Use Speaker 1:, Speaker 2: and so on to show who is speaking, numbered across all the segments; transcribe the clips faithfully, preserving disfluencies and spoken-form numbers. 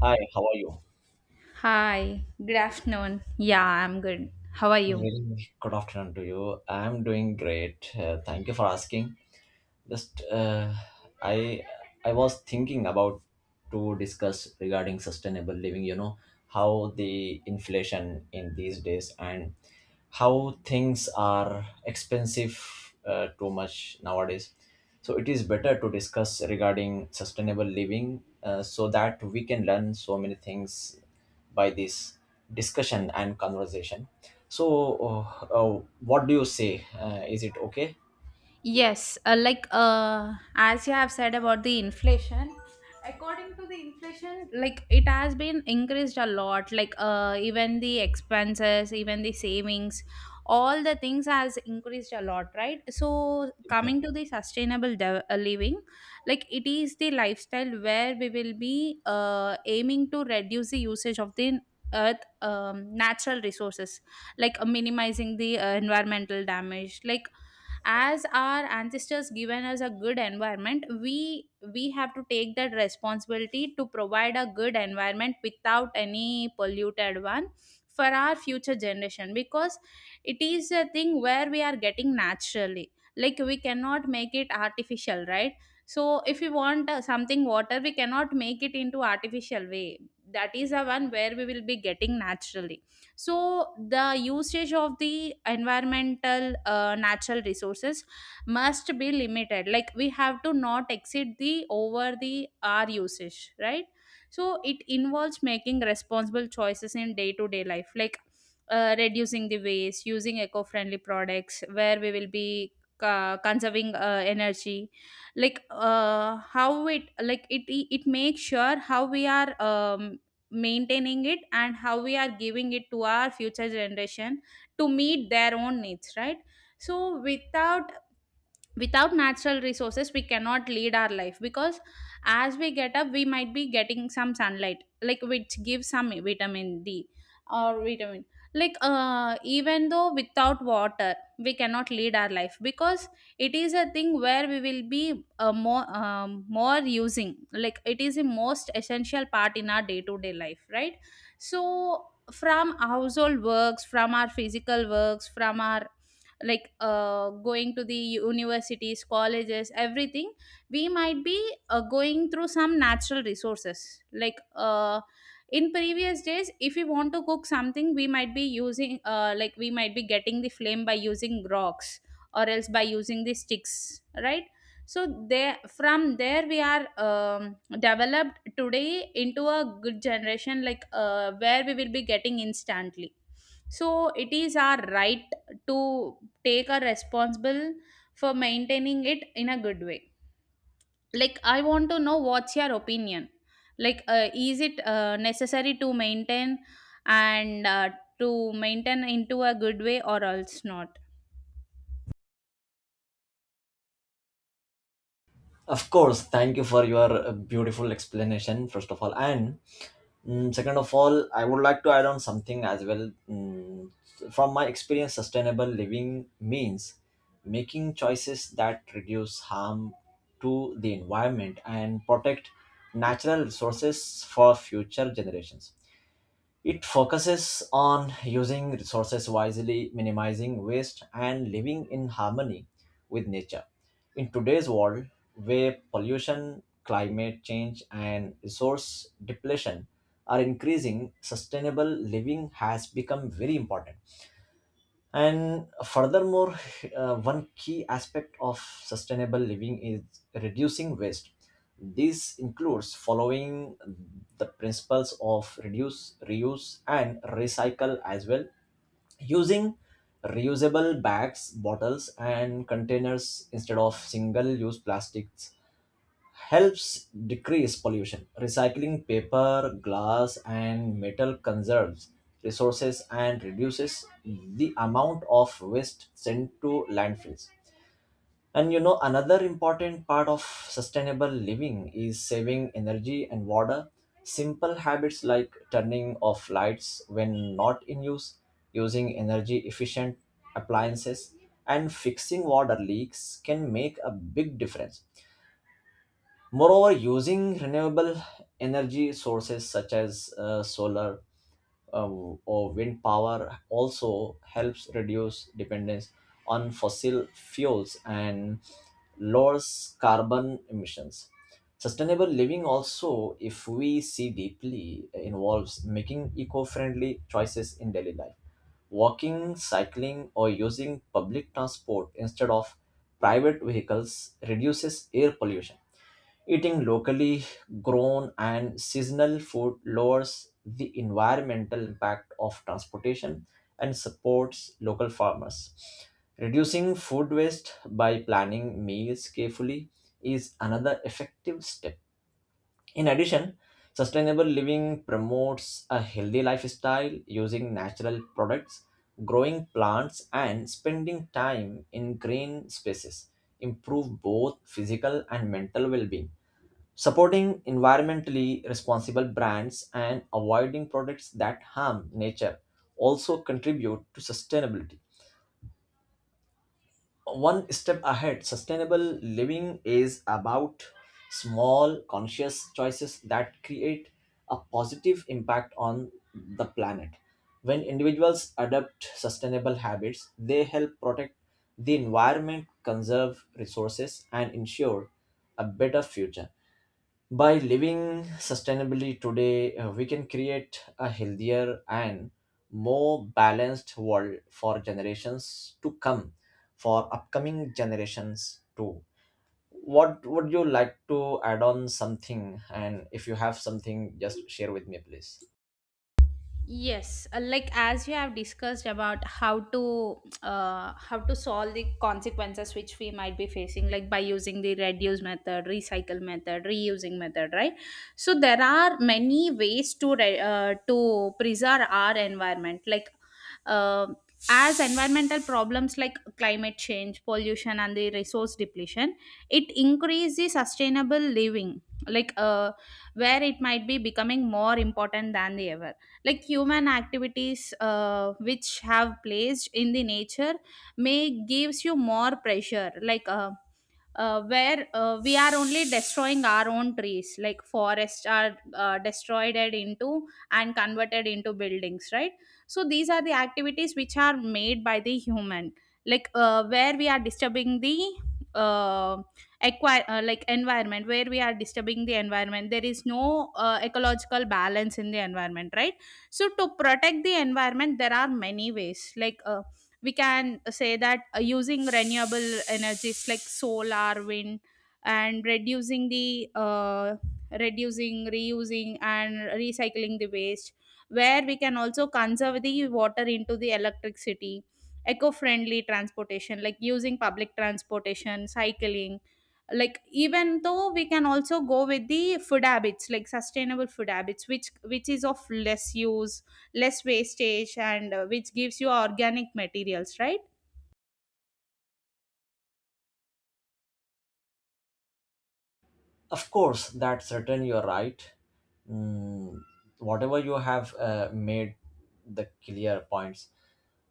Speaker 1: Hi, how are you?
Speaker 2: Hi, good afternoon. Yeah, I'm good. How are you?
Speaker 1: Very good afternoon to you. I'm doing great. Uh, thank you for asking. Just uh, I I was thinking about to discuss regarding sustainable living. You know how the inflation in these days and how things are expensive uh, too much nowadays. So it is better to discuss regarding sustainable living uh, so that we can learn so many things by this discussion and conversation. So uh, uh, what do you say? Uh, is it okay?
Speaker 2: Yes, uh, like uh, as you have said about the inflation, according to the inflation, like it has been increased a lot. Like uh, even the expenses, even the savings, all the things has increased a lot, right? So coming to
Speaker 1: Exactly.
Speaker 2: the sustainable de- uh, living, like it is the lifestyle where we will be uh, aiming to reduce the usage of the earth um, natural resources, like uh, minimizing the uh, environmental damage, like as our ancestors given us a good environment, we we have to take that responsibility to provide a good environment without any polluted one for our future generation, because it is a thing where we are getting naturally, like we cannot make it artificial, right? So if we want uh, something water, we cannot make it into artificial way. That is the one where we will be getting naturally. So the usage of the environmental uh, natural resources must be limited, like we have to not exceed the over the our usage, right? So it involves making responsible choices in day to day life, like uh, reducing the waste, using eco friendly products, where we will be uh, conserving uh, energy, like uh, how it like it it makes sure how we are um, maintaining it and how we are giving it to our future generation to meet their own needs, right? So without without natural resources we cannot lead our life, because as we get up we might be getting some sunlight, like which gives some vitamin d or vitamin, like uh, even though without water we cannot lead our life, because it is a thing where we will be uh, more um, more using, like it is the most essential part in our day to day life, right? So from household works, from our physical works, from our, like uh, going to the universities, colleges, everything, we might be uh, going through some natural resources, like uh, in previous days if we want to cook something, we might be using uh, like we might be getting the flame by using rocks or else by using the sticks, right? So there, from there we are um, developed today into a good generation, like uh, where we will be getting instantly. So it is our right to take a responsible for maintaining it in a good way. Like I want to know, what's your opinion? Like uh, is it uh, necessary to maintain and uh, to maintain into a good way or else not?
Speaker 1: Of course, thank you for your uh, beautiful explanation, first of all. And mm, second of all, I would like to add on something as well. Mm, from my experience, sustainable living means making choices that reduce harm to the environment and protect natural resources for future generations. It focuses on using resources wisely, minimizing waste, and living in harmony with nature. In today's world, where pollution, climate change, and resource depletion are increasing, sustainable living has become very important. And furthermore, uh, one key aspect of sustainable living is reducing waste. This includes following the principles of reduce, reuse, and recycle as well, using reusable bags, bottles, and containers instead of single use plastics helps decrease pollution. Recycling paper, glass, and metal conserves resources and reduces the amount of waste sent to landfills. And you know, another important part of sustainable living is saving energy and water. Simple habits like turning off lights when not in use, using energy efficient appliances, and fixing water leaks can make a big difference. Moreover, using renewable energy sources such as uh, solar um, or wind power also helps reduce dependence on fossil fuels and lowers carbon emissions. Sustainable living also, if we see deeply, involves making eco friendly choices in daily life. Walking, cycling, or using public transport instead of private vehicles reduces air pollution. Eating locally grown and seasonal food lowers the environmental impact of transportation and supports local farmers. Reducing food waste by planning meals carefully is another effective step. In addition, sustainable living promotes a healthy lifestyle using natural products, growing plants, and spending time in green spaces improve both physical and mental well-being, supporting environmentally responsible brands and avoiding products that harm nature also contribute to sustainability. One step ahead, sustainable living is about small conscious choices that create a positive impact on the planet. When individuals adopt sustainable habits, they help protect the environment, conserve resources, and ensure a better future. By living sustainably today, uh, we can create a healthier and more balanced world for generations to come, for upcoming generations too. What would you like to add on something? And if you have something, just share with me, please.
Speaker 2: Yes, uh, like as you have discussed about how to uh, how to solve the consequences which we might be facing, like by using the reduce method, recycle method, reusing method, right? So there are many ways to re- uh, to preserve our environment, like uh, as environmental problems like climate change, pollution, and the resource depletion, it increases sustainable living, like uh, where it might be becoming more important than the ever, like human activities uh, which have placed in the nature may gives you more pressure, like uh, uh, where uh, we are only destroying our own trees, like forests are uh, destroyed and into and converted into buildings, right? So these are the activities which are made by the human, like uh, where we are disturbing the uh, acquire, uh, like environment, where we are disturbing the environment, there is no uh, ecological balance in the environment, right? So to protect the environment there are many ways, like uh, we can say that uh, using renewable energies like solar wind, and reducing the uh, reducing, reusing and recycling the waste, where we can also conserve the water into the electricity, eco-friendly transportation like using public transportation, cycling, like even though we can also go with the food habits like sustainable food habits which which is of less use, less wastage and uh, which gives you organic materials, right?
Speaker 1: Of course, that's certain, you're right. Mm, whatever you have uh, made the clear points,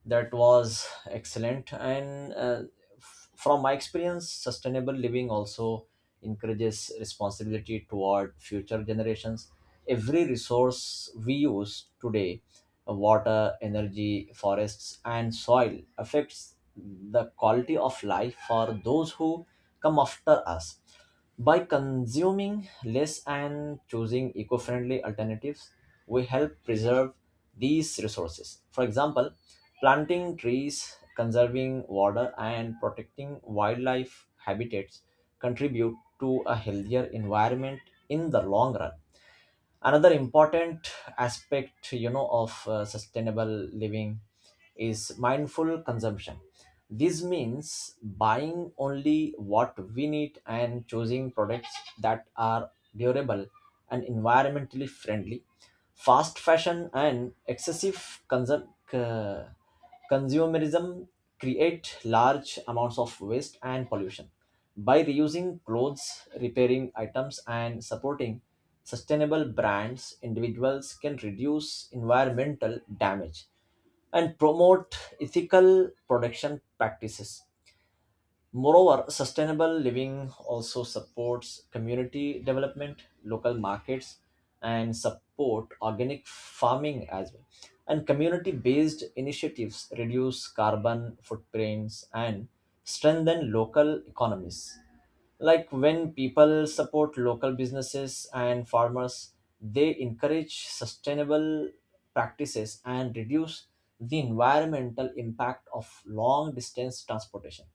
Speaker 1: that was excellent, and uh, f- from my experience sustainable living also encourages responsibility toward future generations. Every resource we use today, uh, water, energy, forests, and soil, affects the quality of life for those who come after us. By consuming less and choosing eco-friendly alternatives, we help preserve these resources. For example, planting trees, conserving water, and protecting wildlife habitats contribute to a healthier environment in the long run. Another important aspect, you know, of uh, sustainable living is mindful consumption. This means buying only what we need and choosing products that are durable and environmentally friendly. Fast fashion and excessive consum- uh, consumerism create large amounts of waste and pollution. By reusing clothes, repairing items, and supporting sustainable brands, individuals can reduce environmental damage and promote ethical production practices. Moreover, sustainable living also supports community development, local markets, and support organic farming as well. And community based initiatives reduce carbon footprints and strengthen local economies, like when people support local businesses and farmers, they encourage sustainable practices and reduce the environmental impact of long distance transportation.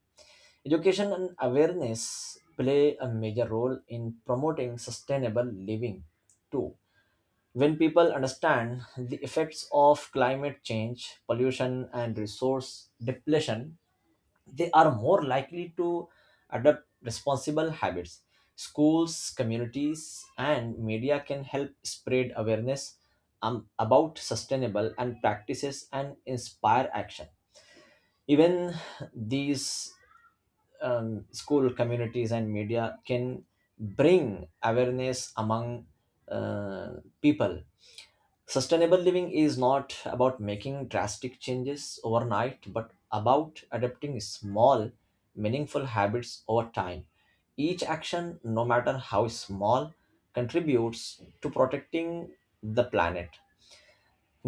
Speaker 1: Education and awareness play a major role in promoting sustainable living too. When people understand the effects of climate change, pollution, and resource depletion, they are more likely to adopt responsible habits. Schools, communities, and media can help spread awareness um, about sustainable and practices and inspire action. Even these, um, school communities and media can bring awareness among uh, people. Sustainable living is not about making drastic changes overnight, but about adopting small meaningful habits over time. Each action, no matter how small, contributes to protecting the planet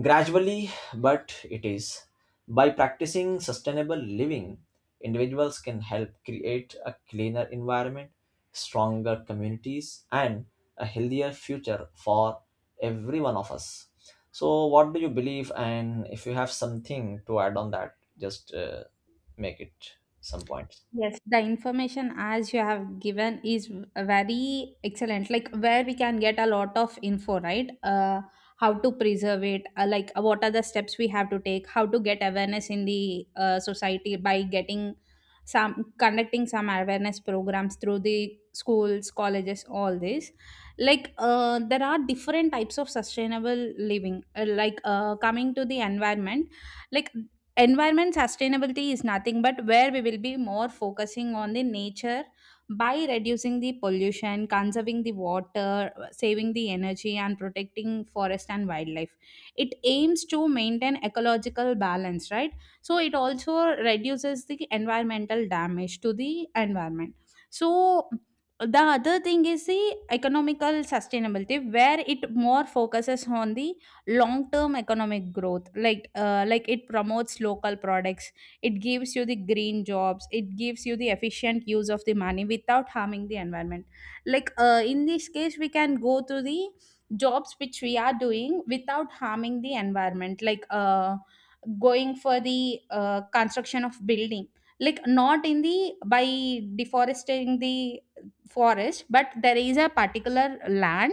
Speaker 1: gradually, but it is. By practicing sustainable living, individuals can help create a cleaner environment, stronger communities, and a healthier future for every one of us. So, what do you believe? And if you have something to add on that, just uh, make it some points.
Speaker 2: Yes, the information as you have given is very excellent. Like where we can get a lot of info, right? Uh, how to preserve it, uh, like uh, what are the steps we have to take, how to get awareness in the uh, society by getting some conducting some awareness programs through the schools, colleges, all this. Like uh, there are different types of sustainable living. Uh, like uh, coming to the environment, like environment sustainability is nothing but where we will be more focusing on the nature by reducing the pollution, conserving the water, saving the energy and protecting forest and wildlife. It aims to maintain ecological balance, right? So it also reduces the environmental damage to the environment. So the other thing is the economical sustainability, where it more focuses on the long term economic growth, like uh, like it promotes local products, it gives you the green jobs, it gives you the efficient use of the money without harming the environment. Like uh, in this case we can go to the jobs which we are doing without harming the environment, like uh, going for the uh, construction of building, like not in the by deforesting the forest, but there is a particular land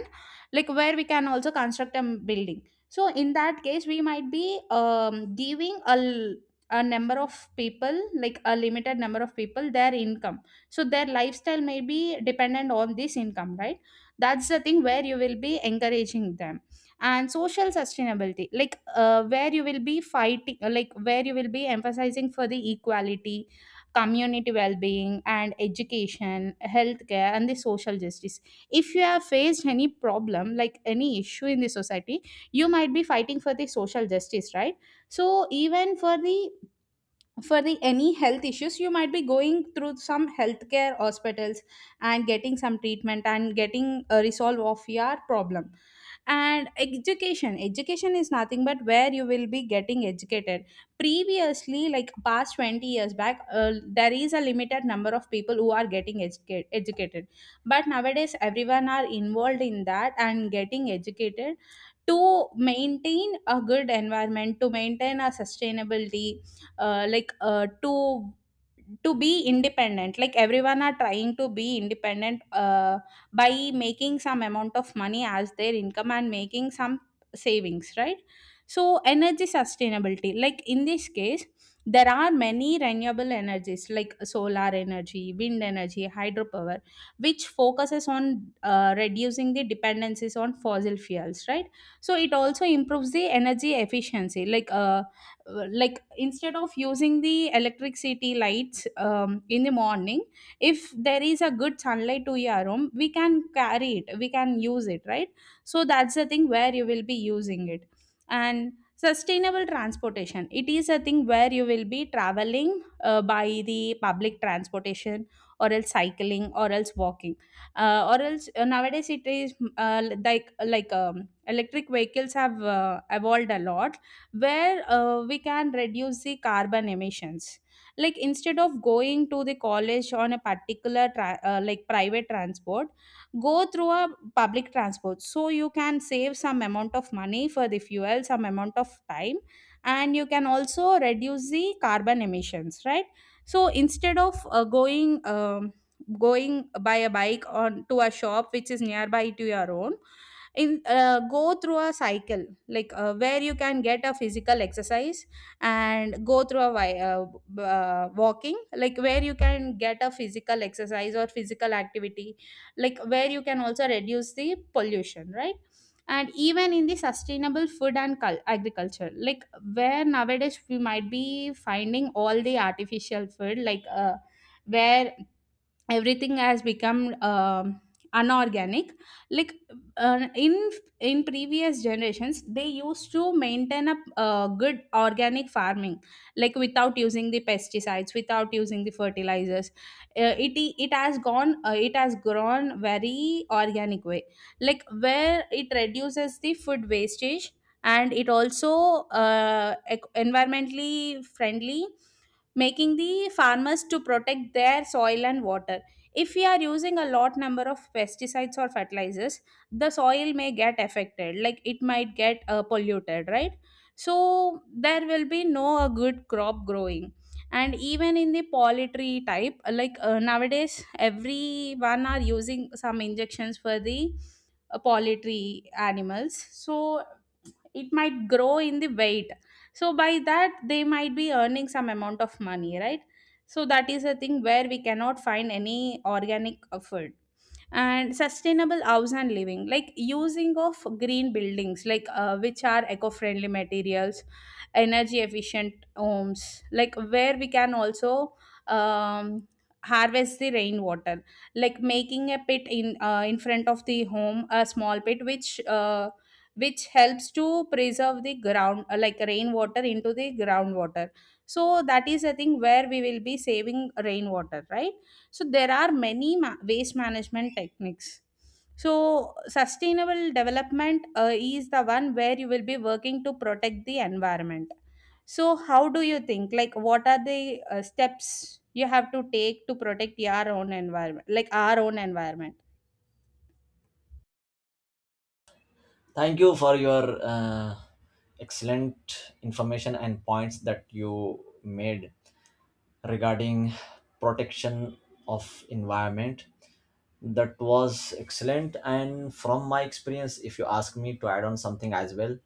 Speaker 2: like where we can also construct a building. So in that case we might be um, giving a, l- a number of people, like a limited number of people their income, so their lifestyle may be dependent on this income, right? That's the thing where you will be encouraging them. And social sustainability, like uh, where you will be fighting, like where you will be emphasizing for the equality, community well-being and education, healthcare and the social justice. If you have faced any problem like any issue in the society, you might be fighting for the social justice, right? So even for the, for the any health issues you might be going through some healthcare hospitals and getting some treatment and getting a resolve of your problem. And education education is nothing but where you will be getting educated. Previously, like past twenty years back, uh, there is a limited number of people who are getting educate, educated, but nowadays everyone are involved in that and getting educated to maintain a good environment, to maintain a sustainability, uh, like uh, to to be independent, like everyone are trying to be independent, uh, by making some amount of money as their income and making some savings, right? So energy sustainability, like in this case there are many renewable energies like solar energy, wind energy, hydropower, which focuses on uh, reducing the dependencies on fossil fuels, right? So it also improves the energy efficiency, like uh, like instead of using the electricity lights um, in the morning, if there is a good sunlight to your room, we can carry it, we can use it, right? So that's the thing where you will be using it. And sustainable transportation, it is a thing where you will be traveling uh, by the public transportation, or else cycling, or else walking, uh, or else uh, nowadays it is uh, like like um, electric vehicles have uh, evolved a lot, where uh, we can reduce the carbon emissions, like instead of going to the college on a particular tra- uh, like private transport, go through a public transport, so you can save some amount of money for the fuel, some amount of time, and you can also reduce the carbon emissions, right? So instead of uh, going um, going by a bike on to a shop which is nearby to your own, in uh, go through a cycle, like uh, where you can get a physical exercise, and go through a wi- uh, b- uh, walking, like where you can get a physical exercise or physical activity, like where you can also reduce the pollution, right? And even in the sustainable food and cul- agriculture, like where nowadays we might be finding all the artificial food, like uh, where everything has become um, unorganic, like uh, in in previous generations they used to maintain a, uh good organic farming, like without using the pesticides, without using the fertilizers, uh, it it has gone, uh, it has grown very organic way, like where it reduces the food wastage, and it also uh, ec- environmentally friendly, making the farmers to protect their soil and water. If we are using a lot number of pesticides or fertilizers, the soil may get affected, like it might get uh, polluted, right? So there will be no a good crop growing. And even in the poultry type, like uh, nowadays, everyone are using some injections for the uh, poultry animals. So it might grow in the weight, so by that they might be earning some amount of money, right? So that is a thing where we cannot find any organic uh, food and sustainable house and living, like using of green buildings like uh, which are eco-friendly materials, energy efficient homes like where we can also um, harvest the rainwater, like making a pit in uh, in front of the home, a small pit which uh, which helps to preserve the ground uh, like rainwater into the groundwater. So that is I thing where we will be saving rainwater, right? So there are many ma- waste management techniques. So sustainable development uh, is the one where you will be working to protect the environment. So how do you think, like what are the uh, steps you have to take to protect your own environment, like our own environment?
Speaker 1: Thank you for your uh, excellent information and points that you made regarding protection of environment. That was excellent, and from my experience, if you ask me to add on something as well,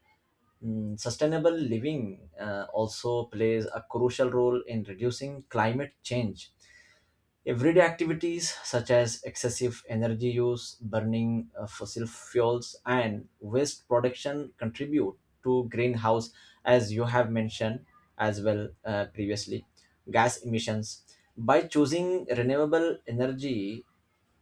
Speaker 1: mm, sustainable living uh, also plays a crucial role in reducing climate change. Everyday activities such as excessive energy use, burning uh, fossil fuels, and waste production contribute to greenhouse, as you have mentioned as well uh, previously, gas emissions. By choosing renewable energy,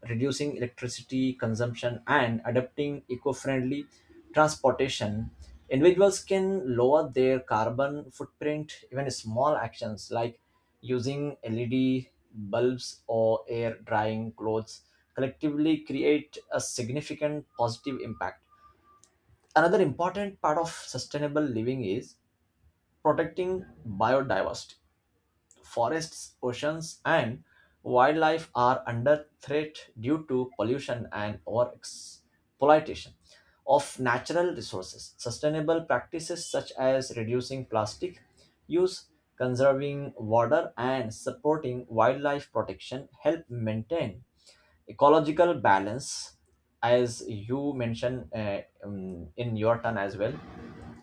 Speaker 1: reducing electricity consumption, and adopting eco friendly transportation, individuals can lower their carbon footprint. Even small actions like using L E D bulbs or air drying clothes collectively create a significant positive impact. Another important part of sustainable living is protecting biodiversity. Forests, oceans, and wildlife are under threat due to pollution and overexploitation of natural resources. Sustainable practices such as reducing plastic use, conserving water, and supporting wildlife protection help maintain ecological balance, as you mentioned uh, um, in your turn as well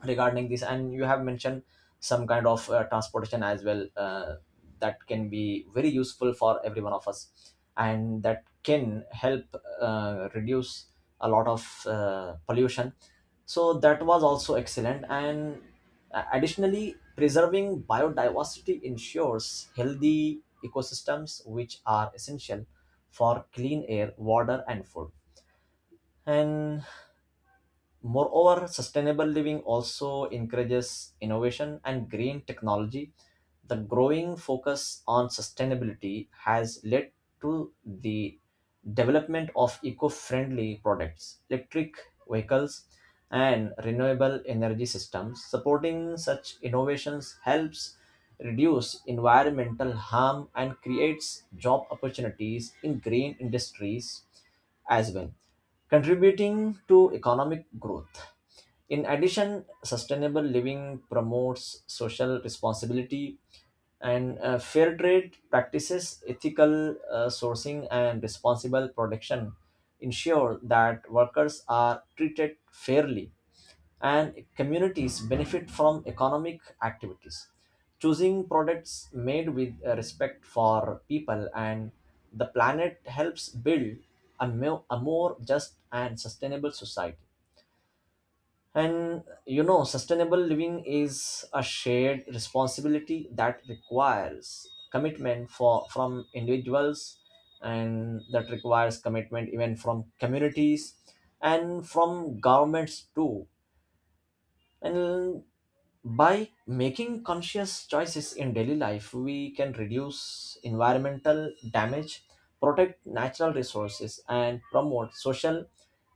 Speaker 1: regarding this. And you have mentioned some kind of uh, transportation as well uh, that can be very useful for every one of us, and that can help uh, reduce a lot of uh, pollution, so that was also excellent. And uh, additionally, preserving biodiversity ensures healthy ecosystems which are essential for clean air, water, and food. And moreover, sustainable living also encourages innovation and green technology. The growing focus on sustainability has led to the development of eco friendly products, electric vehicles, and renewable energy systems. Supporting such innovations helps reduce environmental harm and creates job opportunities in green industries as well, contributing to economic growth. In addition, sustainable living promotes social responsibility and uh, fair trade practices, ethical uh, sourcing, and responsible production ensure that workers are treated fairly and communities benefit from economic activities. Choosing products made with uh, respect for people and the planet helps build a, mo- a more just and sustainable society. And you know, sustainable living is a shared responsibility that requires commitment for from individuals, and that requires commitment even from communities and from governments too. And by making conscious choices in daily life, we can reduce environmental damage, protect natural resources, and promote social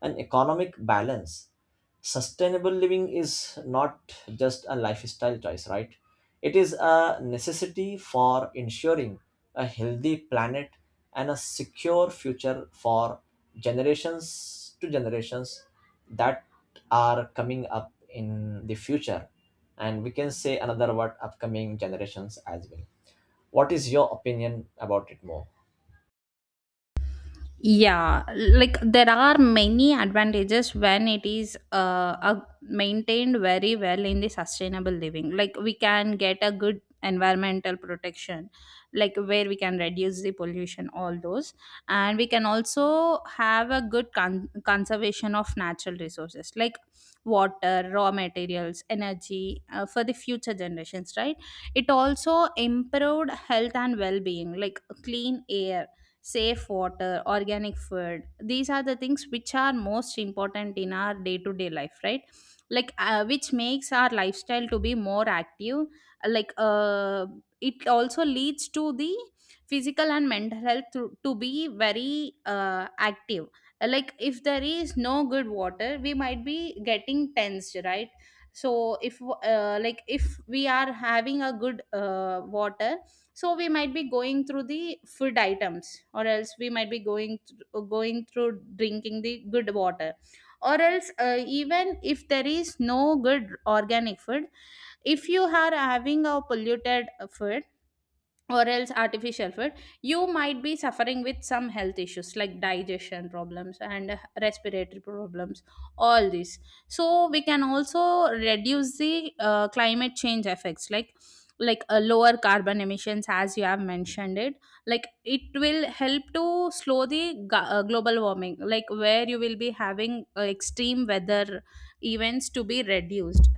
Speaker 1: and economic balance. Sustainable living is not just a lifestyle choice, right? It is a necessity for ensuring a healthy planet and a secure future for generations to generations that are coming up in the future, and we can say another word, upcoming generations as well. What is your opinion about it more?
Speaker 2: Yeah, like there are many advantages when it is uh, a- maintained very well in the sustainable living. Like we can get a good environmental protection, like where we can reduce the pollution, all those, and we can also have a good con- conservation of natural resources like water, raw materials, energy uh, for the future generations. Right? It also improved health and well-being, like clean air, safe water, organic food. These are the things which are most important in our day to day life, right? Like, uh, which makes our lifestyle to be more active. Like, uh, it also leads to the physical and mental health to, to be very uh, active. Like, if there is no good water, we might be getting tensed, right? So, if uh, like if we are having a good uh, water, so we might be going through the food items, or else we might be going th- going through drinking the good water, or else uh, even if there is no good organic food, if you are having a polluted uh, food or else artificial food, you might be suffering with some health issues like digestion problems and uh, respiratory problems, all this. So we can also reduce the uh, climate change effects, like like a lower carbon emissions, as you have mentioned it. Like it will help to slow the ga- uh, global warming, like where you will be having uh, extreme weather events to be reduced.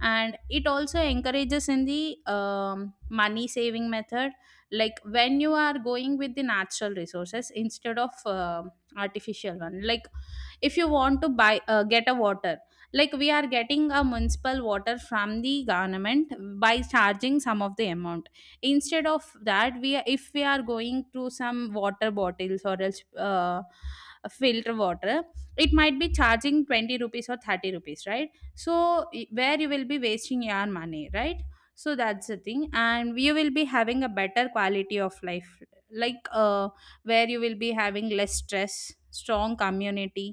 Speaker 2: And it also encourages in the um, money saving method, like when you are going with the natural resources instead of uh, artificial one. Like if you want to buy, uh, get a water, like we are getting a municipal water from the government by charging some of the amount, instead of that we are- if we are going to some water bottles, or else uh, filter water, it might be charging twenty rupees or thirty rupees, right? So I- where you will be wasting your money, right? So that's the thing, and you will be having a better quality of life, like uh, where you will be having less stress, strong community,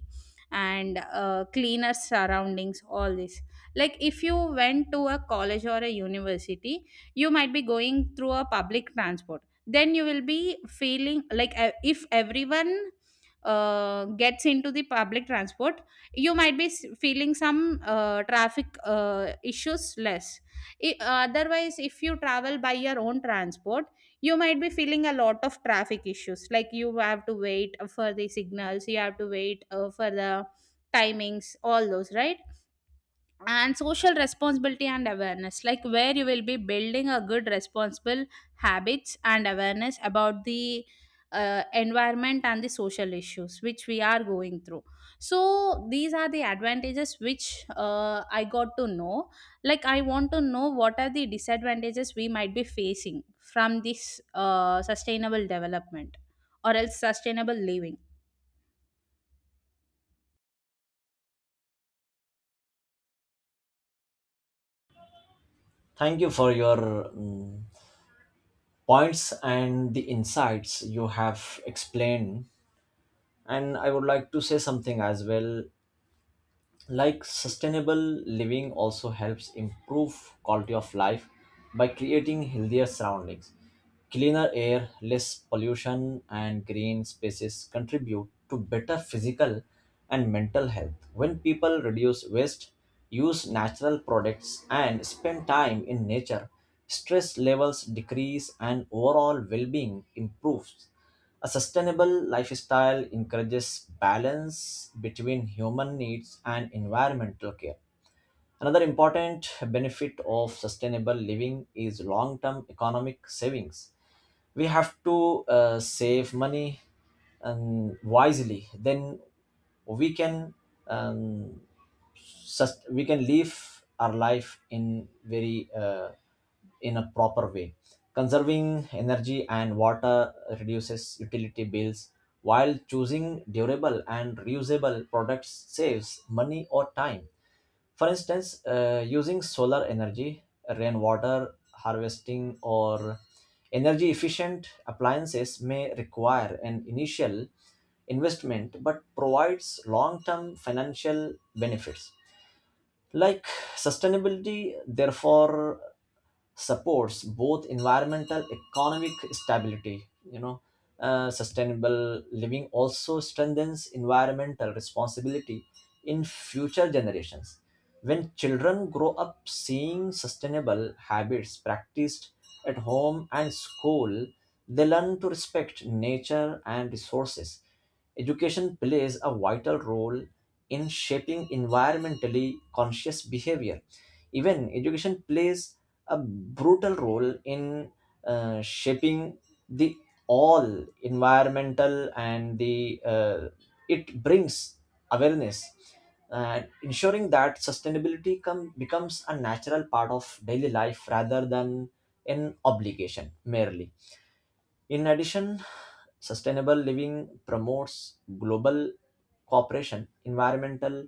Speaker 2: and uh, cleaner surroundings, all this. Like if you went to a college or a university, you might be going through a public transport, then you will be feeling like uh, if everyone uh, gets into the public transport, you might be s- feeling some uh, traffic uh, issues less. I- otherwise if you travel by your own transport, you might be feeling a lot of traffic issues, like you have to wait for the signals, you have to wait uh, for the timings, all those, right? And social responsibility and awareness, like where you will be building a good responsible habits and awareness about the uh, environment and the social issues which we are going through. So these are the advantages which uh, I got to know. Like I want to know what are the disadvantages we might be facing from this uh, sustainable development or else sustainable living.
Speaker 1: Thank you for your mm, points and the insights you have explained, and I would like to say something as well. Like sustainable living also helps improve quality of life by creating healthier surroundings. Cleaner air, less pollution, and green spaces contribute to better physical and mental health. When people reduce waste, use natural products, and spend time in nature, stress levels decrease and overall well-being improves. A sustainable lifestyle encourages balance between human needs and environmental care. Another important benefit of sustainable living is long term economic savings. We have to uh, save money um, wisely, then we can um, sus- we can live our life in very uh, in a proper way. Conserving energy and water reduces utility bills, while choosing durable and reusable products saves money or time. For instance, uh, using solar energy, rainwater harvesting, or energy efficient appliances may require an initial investment but provides long term financial benefits. Like sustainability, therefore, supports both environmental economic stability, you know. uh, sustainable living also strengthens environmental responsibility in future generations. When children grow up seeing sustainable habits practiced at home and school, they learn to respect nature and resources. Education plays a vital role in shaping environmentally conscious behavior. Even education plays a brutal role in uh, shaping the all environmental and the, uh, it brings awareness and ensuring that sustainability come, becomes a natural part of daily life rather than an obligation merely. In addition, sustainable living promotes global cooperation, environmental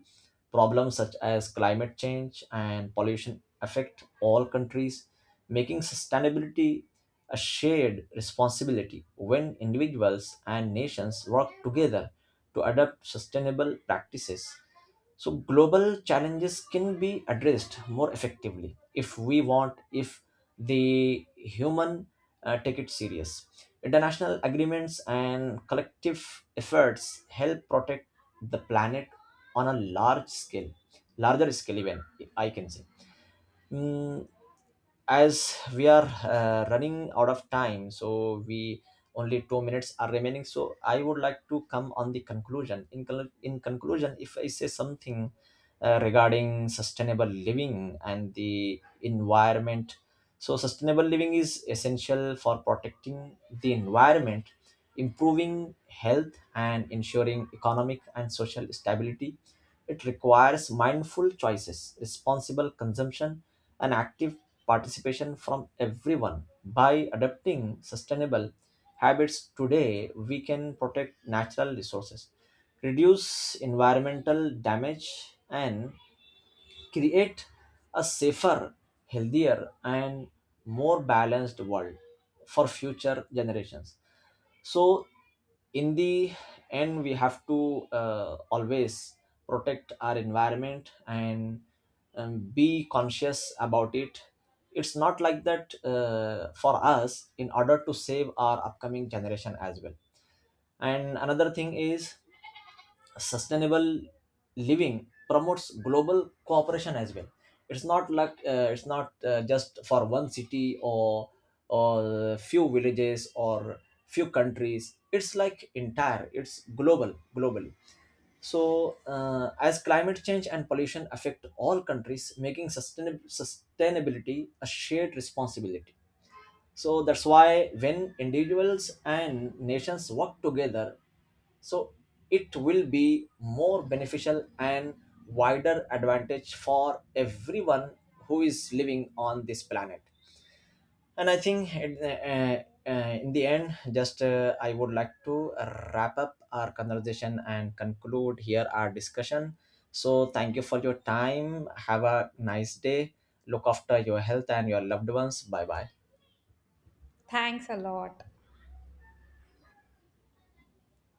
Speaker 1: problems such as climate change and pollution affect all countries, making sustainability a shared responsibility when individuals and nations work together to adopt sustainable practices. So global challenges can be addressed more effectively if we want, if the human uh, take it serious. International agreements and collective efforts help protect the planet on a large scale, larger scale even I can say. Mm, as we are uh, running out of time, so we only two minutes are remaining, so I would like to come on the conclusion. In, col- in conclusion, if I say something uh, regarding sustainable living and the environment. So sustainable living is essential for protecting the environment, improving health, and ensuring economic and social stability. It requires mindful choices, responsible consumption, and active participation from everyone. By adopting sustainable habits today, we can protect natural resources, reduce environmental damage, and create a safer, healthier, and more balanced world for future generations. So in the end, we have to uh, always protect our environment and um, be conscious about it. It's not like that, uh, for us, in order to save our upcoming generation as well. And another thing is, sustainable living promotes global cooperation as well. It's not like, uh, it's not uh, just for one city or or few villages or few countries. It's like entire, it's global, globally. So uh, as climate change and pollution affect all countries, making sustain- sustainability a shared responsibility. So that's why when individuals and nations work together, so it will be more beneficial and wider advantage for everyone who is living on this planet. And I think it- uh, uh, in the end, just uh, I would like to wrap up our conversation and conclude here our discussion. So thank you for your time, have a nice day. Look after your health and your loved ones, bye bye.
Speaker 2: Thanks a lot.